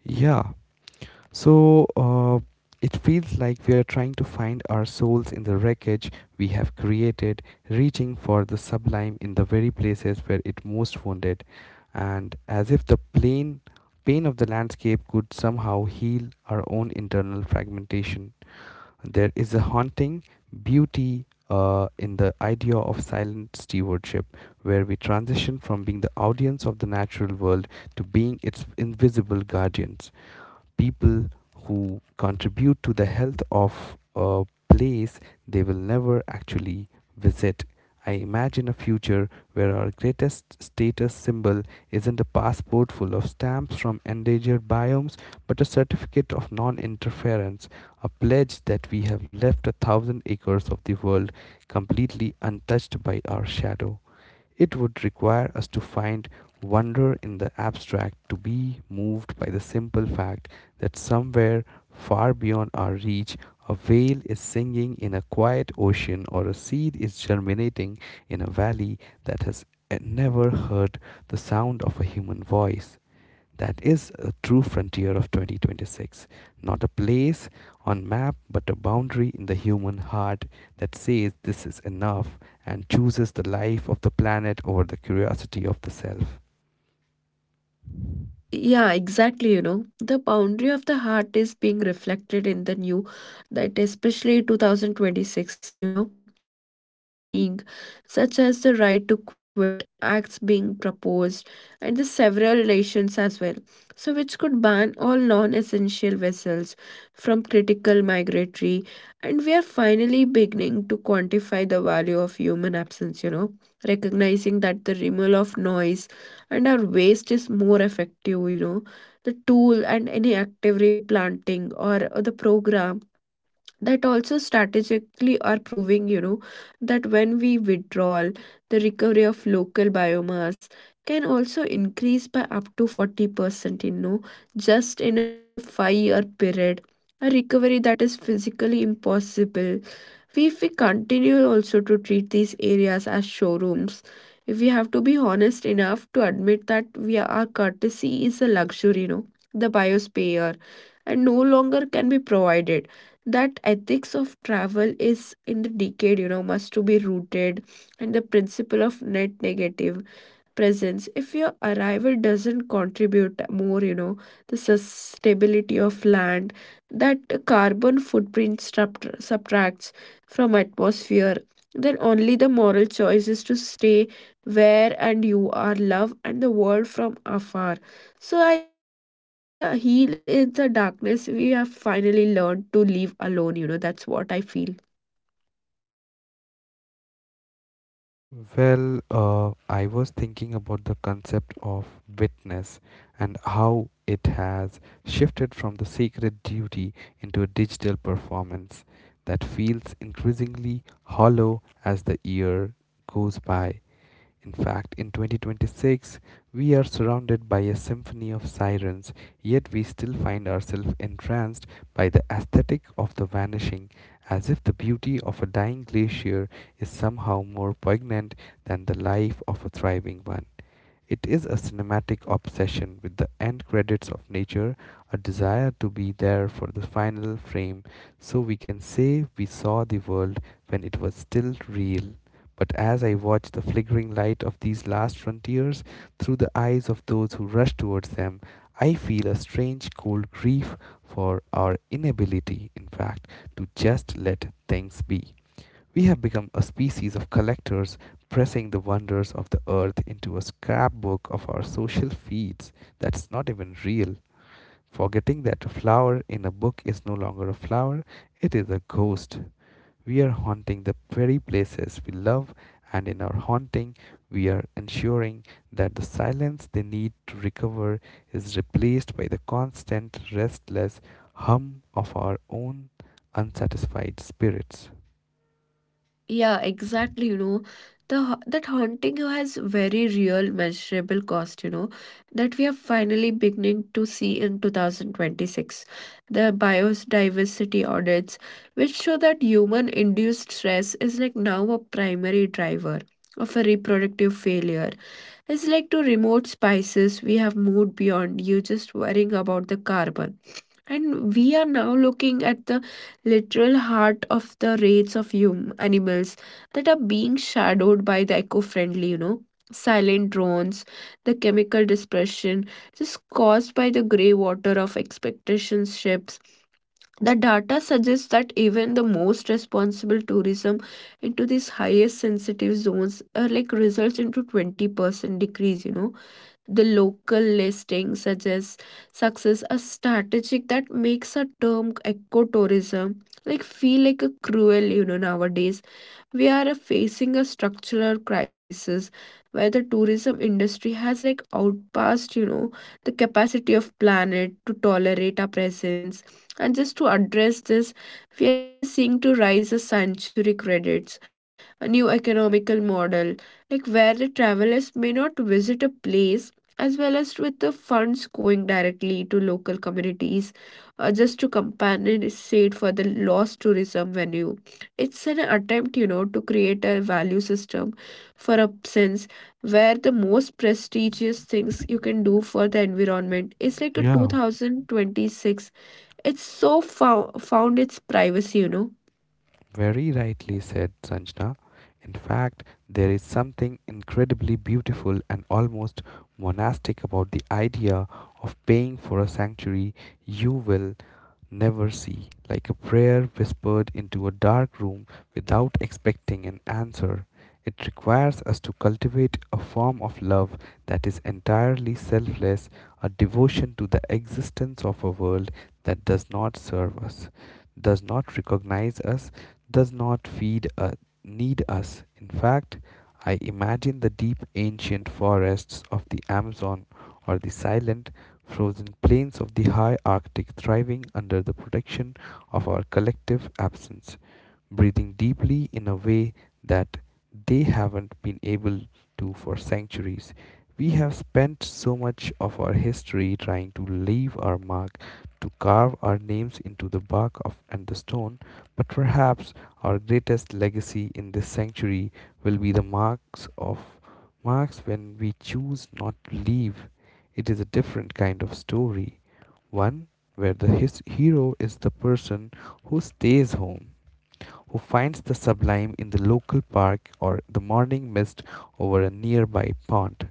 A: Yeah. So it feels like we are trying to find our souls in the wreckage we have created, reaching for the sublime in the very places where it most wounded, and as if the plain pain of the landscape could somehow heal our own internal fragmentation. There is a haunting beauty in the idea of silent stewardship, where we transition from being the audience of the natural world to being its invisible guardians, people who contribute to the health of a place they will never actually visit. I imagine a future where our greatest status symbol isn't a passport full of stamps from endangered biomes, but a certificate of non interference, a pledge that we have left a thousand acres of the world completely untouched by our shadow. It would require us to find wonder in the abstract, to be moved by the simple fact that somewhere far beyond our reach, a whale is singing in a quiet ocean or a seed is germinating in a valley that has never heard the sound of a human voice. That is a true frontier of 2026, not a place on map, but a boundary in the human heart that says this is enough and chooses the life of the planet over the curiosity of the self.
B: Yeah, exactly. You know, the boundary of the heart is being reflected in the new, that especially 2026, you know, trends we're seeing, such as the right to quit, acts being proposed, and the several relations as well. So, which could ban all non essential vessels from critical migratory, and we are finally beginning to quantify the value of human absence, you know, recognizing that the removal of noise and our waste is more effective, you know, the tool and any active replanting or the program that also strategically are proving, you know, that when we withdraw the recovery of local biomass can also increase by up to 40%, you know, just in a 5-year period. A recovery that is physically impossible we if we continue also to treat these areas as showrooms. If we have to be honest enough to admit that we are, our courtesy is a luxury, you know, the biosphere and no longer can be provided. That ethics of travel is in the decade, you know, must to be rooted in the principle of net negative presence. If your arrival doesn't contribute more, you know, the sustainability of land, that carbon footprint subtracts from atmosphere, then only the moral choice is to stay where and you are love and the world from afar. So I think the heal in the darkness we have finally learned to live alone, you know, that's what I feel.
A: Well, I was thinking about the concept of witness and how it has shifted from the sacred duty into a digital performance that feels increasingly hollow as the year goes by. In fact, in 2026, we are surrounded by a symphony of sirens, yet we still find ourselves entranced by the aesthetic of the vanishing, as if the beauty of a dying glacier is somehow more poignant than the life of a thriving one. It is a cinematic obsession with the end credits of nature, a desire to be there for the final frame so we can say we saw the world when it was still real. But as I watch the flickering light of these last frontiers through the eyes of those who rush towards them, I feel a strange cold grief for our inability, in fact, to just let things be. We have become a species of collectors, pressing the wonders of the earth into a scrapbook of our social feeds that's not even real, forgetting that a flower in a book is no longer a flower, it is a ghost. We are haunting the very places we love, and in our haunting, we are ensuring that the silence they need to recover is replaced by the constant, restless hum of our own unsatisfied spirits.
B: Yeah, exactly. You know, the that haunting has very real measurable cost, you know, that we are finally beginning to see in 2026. The biodiversity audits, which show that human-induced stress is like now a primary driver of a reproductive failure. It's like to remote spices, we have moved beyond you just worrying about the carbon. And we are now looking at the literal heart of the rates of hum animals that are being shadowed by the eco-friendly, you know, silent drones, the chemical dispersion just caused by the grey water of expectation ships. The data suggests that even the most responsible tourism into these highest sensitive zones are like results into 20% decrease, you know, the local listing suggests success as strategic that makes a term ecotourism like feel like a cruel, you know, nowadays. We are facing a structural crisis where the tourism industry has like outpassed, you know, the capacity of planet to tolerate our presence. And just to address this, we are seeing to rise a century credits, a new economical model, like where the travelers may not visit a place as well as with the funds going directly to local communities, just to compensate for the lost tourism venue. It's an attempt, you know, to create a value system for absence where the most prestigious things you can do for the environment is like a
A: Yeah.
B: 2026. It's so found its privacy, you know.
A: Very rightly said, Sanjana. In fact, there is something incredibly beautiful and almost monastic about the idea of paying for a sanctuary you will never see, like a prayer whispered into a dark room without expecting an answer. It requires us to cultivate a form of love that is entirely selfless, a devotion to the existence of a world that does not serve us, does not recognize us, does not feed us, need us. In fact, I imagine the deep ancient forests of the Amazon or the silent frozen plains of the high Arctic thriving under the protection of our collective absence, breathing deeply in a way that they haven't been able to for centuries. We have spent so much of our history trying to leave our mark, to carve our names into the bark of and the stone, but perhaps our greatest legacy in this century will be the marks of marks when we choose not to leave. It is a different kind of story, one where the his hero is the person who stays home, who finds the sublime in the local park or the morning mist over a nearby pond,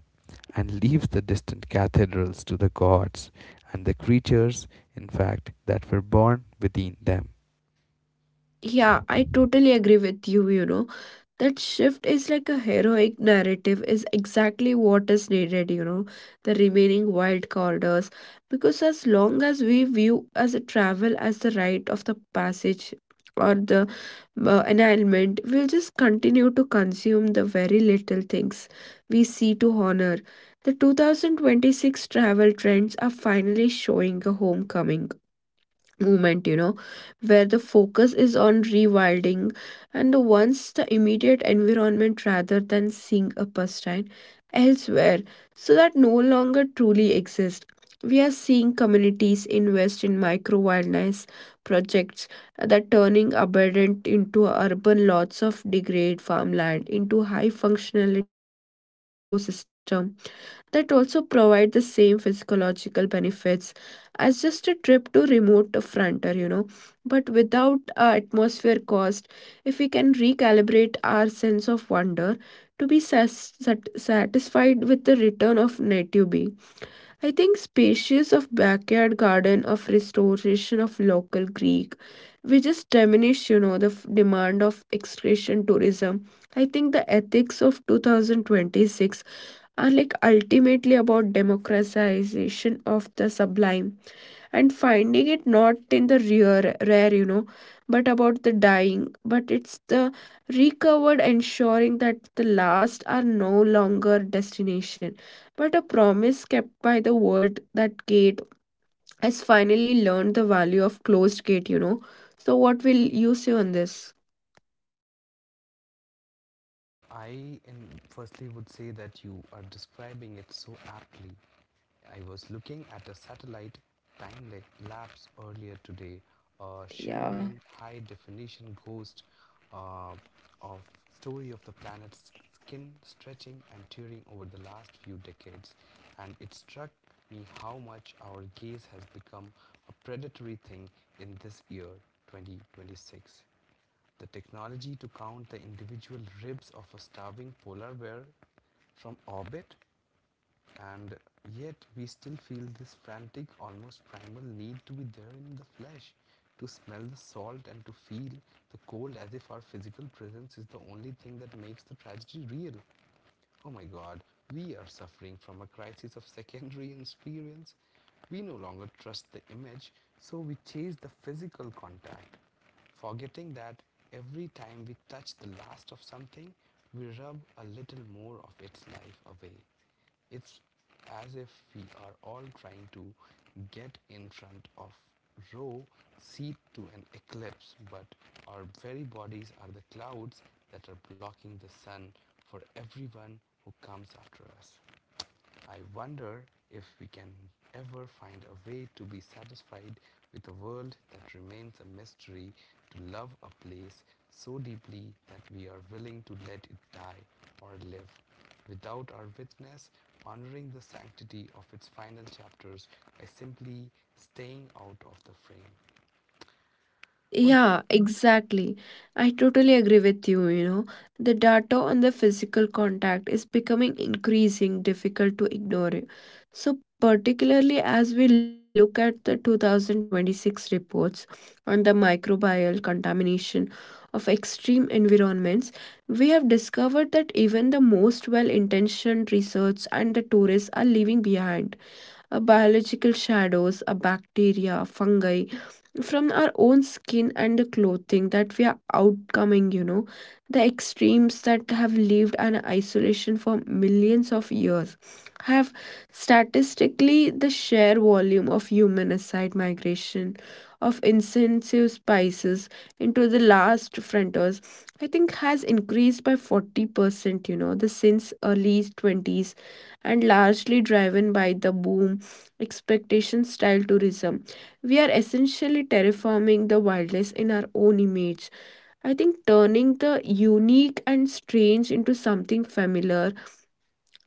A: and leaves the distant cathedrals to the gods and the creatures, in fact, that were born within them.
B: Yeah, I totally agree with you, you know. That shift is like a heroic narrative is exactly what is needed, you know, the remaining wild corridors. Because as long as we view as a travel as the rite of the passage or the annulment, we'll just continue to consume the very little things we see to honor. The 2026 travel trends are finally showing a homecoming movement, you know, where the focus is on rewilding and the once the immediate environment rather than seeing a pastime elsewhere, so that no longer truly exists. We are seeing communities invest in micro wildlife projects that turning abundant into urban lots of degraded farmland into high functionality ecosystem that also provide the same physiological benefits as just a trip to remote frontier, you know, but without atmosphere cost. If we can recalibrate our sense of wonder to be satisfied with the return of native being, I think spacious of backyard garden of restoration of local Greek, we just diminish, you know, the demand of excretion tourism. I think the ethics of 2026 are like ultimately about democratization of the sublime and finding it not in the rare, rare, you know, but about the dying. But it's the recovered ensuring that the last are no longer destination, but a promise kept by the world that gate has finally learned the value of closed gate, you know. So, what will you say on this?
A: I firstly would say that you are describing it so aptly. I was looking at a satellite time lapse earlier today, a
B: Yeah.
A: shimmering high definition ghost uh, of story of the planet's skin stretching and tearing over the last few decades, and it struck me how much our gaze has become a predatory thing in this year 2026. The technology to count the individual ribs of a starving polar bear from orbit, and yet, we still feel this frantic, almost primal need to be there in the flesh, to smell the salt and to feel the cold as if our physical presence is the only thing that makes the tragedy real. Oh my god, we are suffering from a crisis of secondary experience. We no longer trust the image, so we chase the physical contact, forgetting that every time we touch the last of something, we rub a little more of its life away. It's as if we are all trying to get in front of row seat to an eclipse, but our very bodies are the clouds that are blocking the sun for everyone who comes after us. I wonder if we can ever find a way to be satisfied with a world that remains a mystery, to love a place so deeply that we are willing to let it die or live, without our witness, honoring the sanctity of its final chapters by simply staying out of the frame. What do you—
B: Yeah, exactly. I totally agree with you, you know. The data on the physical contact is becoming increasing difficult to ignore. So particularly as we look at the 2026 reports on the microbial contamination of extreme environments, we have discovered that even the most well-intentioned research and the tourists are leaving behind a biological shadows, a bacteria, fungi from our own skin and the clothing that we are outcoming, you know, the extremes that have lived in isolation for millions of years have statistically the sheer volume of human aside migration of intensive spices into the last frontiers, I think has increased by 40%, you know, the since early 20s and largely driven by the boom expectation style tourism. We are essentially terraforming the wilderness in our own image. I think turning the unique and strange into something familiar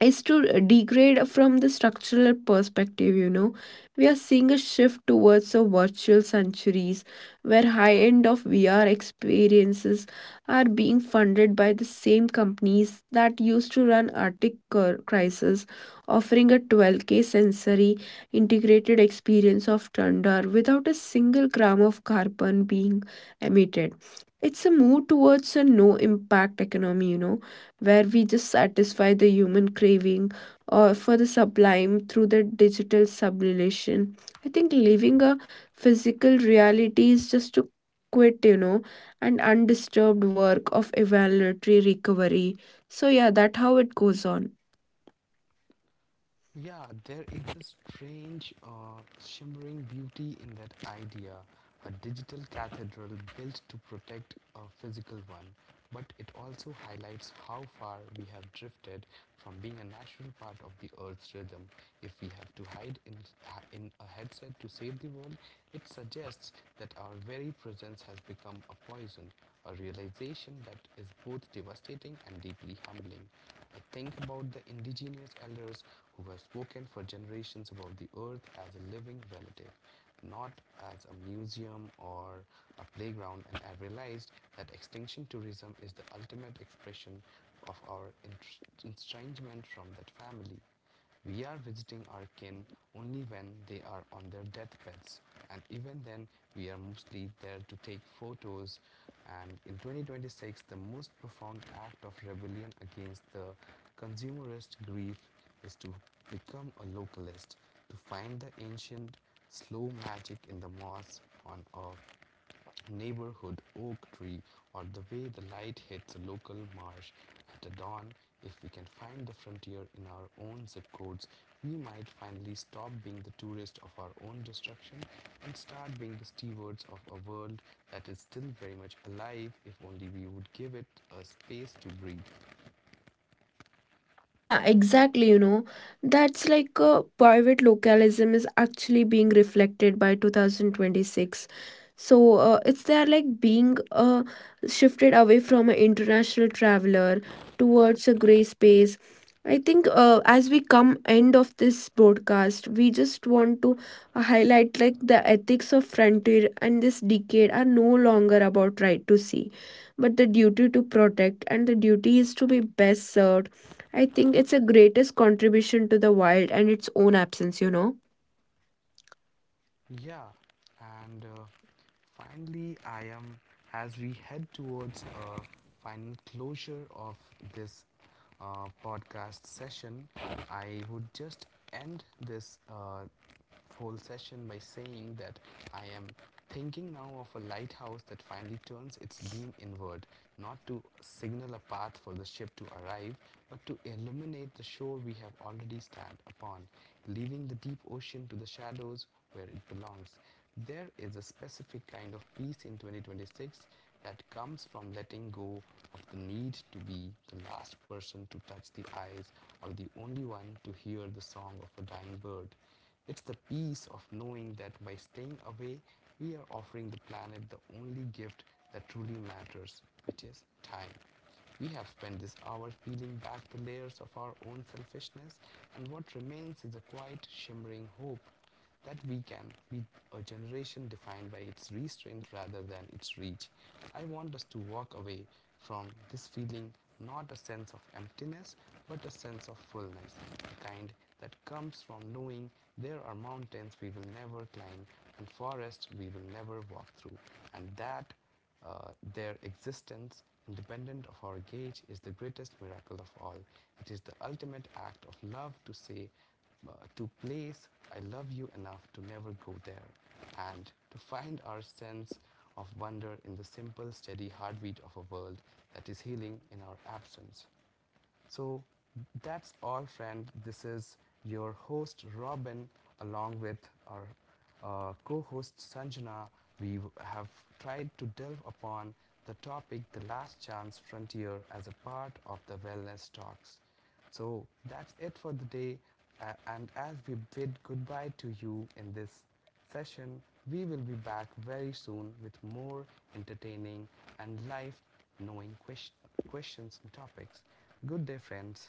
B: is to degrade from the structural perspective, you know, we are seeing a shift towards the virtual centuries where high end of VR experiences are being funded by the same companies that used to run arctic crisis, offering a 12K sensory integrated experience of thunder without a single gram of carbon being emitted. It's a move towards a no impact economy, you know, where we just satisfy the human craving or for the sublime through the digital sublimation. I think living a physical reality is just to quit, you know, and undisturbed work of evaluatory recovery. So yeah, that how it goes on.
A: Yeah, there is a strange, shimmering beauty in that idea. A digital cathedral built to protect a physical one, but it also highlights how far we have drifted from being a natural part of the Earth's rhythm. If we have to hide in a headset to save the world, it suggests that our very presence has become a poison, a realization that is both devastating and deeply humbling. I think about the indigenous elders who have spoken for generations about the earth as a living relative, not as a museum or a playground, and I realized that extinction tourism is the ultimate expression of our estrangement from that family. We are visiting our kin only when they are on their deathbeds, and even then, we are mostly there to take photos. And in 2026, the most profound act of rebellion against the consumerist grief is to become a localist, to find the ancient, slow magic in the moss on a neighborhood oak tree or the way the light hits a local marsh at the dawn. If we can find the frontier in our own zip codes, we might finally stop being the tourists of our own destruction and start being the stewards of a world that is still very much alive, if only we would give it a space to breathe.
B: Yeah, exactly. You know, that's like private localism is actually being reflected by 2026. So it's there like being shifted away from an international traveler towards a gray space. I think as we come end of this broadcast, we just want to highlight like the ethics of frontier and this decade are no longer about right to see, but the duty to protect and the duty is to be best served. I think it's a greatest contribution to the wild and its own absence, you know.
A: Yeah, and finally, I am, as we head towards a final closure of this podcast session, I would just end this whole session by saying that I am thinking now of a lighthouse that finally turns its beam inward, not to signal a path for the ship to arrive, but to illuminate the shore we have already stand upon, leaving the deep ocean to the shadows where it belongs. There is a specific kind of peace in 2026 that comes from letting go of the need to be the last person to touch the eyes or the only one to hear the song of a dying bird. It's the peace of knowing that by staying away, we are offering the planet the only gift that truly matters, which is time. We have spent this hour peeling back the layers of our own selfishness, and what remains is a quiet, shimmering hope that we can be a generation defined by its restraint rather than its reach. I want us to walk away from this feeling, not a sense of emptiness but a sense of fullness, the kind that comes from knowing there are mountains we will never climb and forests we will never walk through, and that uh, their existence, independent of our gauge, is the greatest miracle of all. It is the ultimate act of love to say, uh, to place, I love you enough to never go there, and to find our sense of wonder in the simple, steady heartbeat of a world that is healing in our absence. So that's all, friend. This is your host Robin, along with our co-host Sanjana. We have tried to delve upon the topic "The Last Chance Frontier" as a part of the Wellness Talks. So that's it for the day. And as we bid goodbye to you in this session, we will be back very soon with more entertaining and life knowing questions and topics. Good day, friends.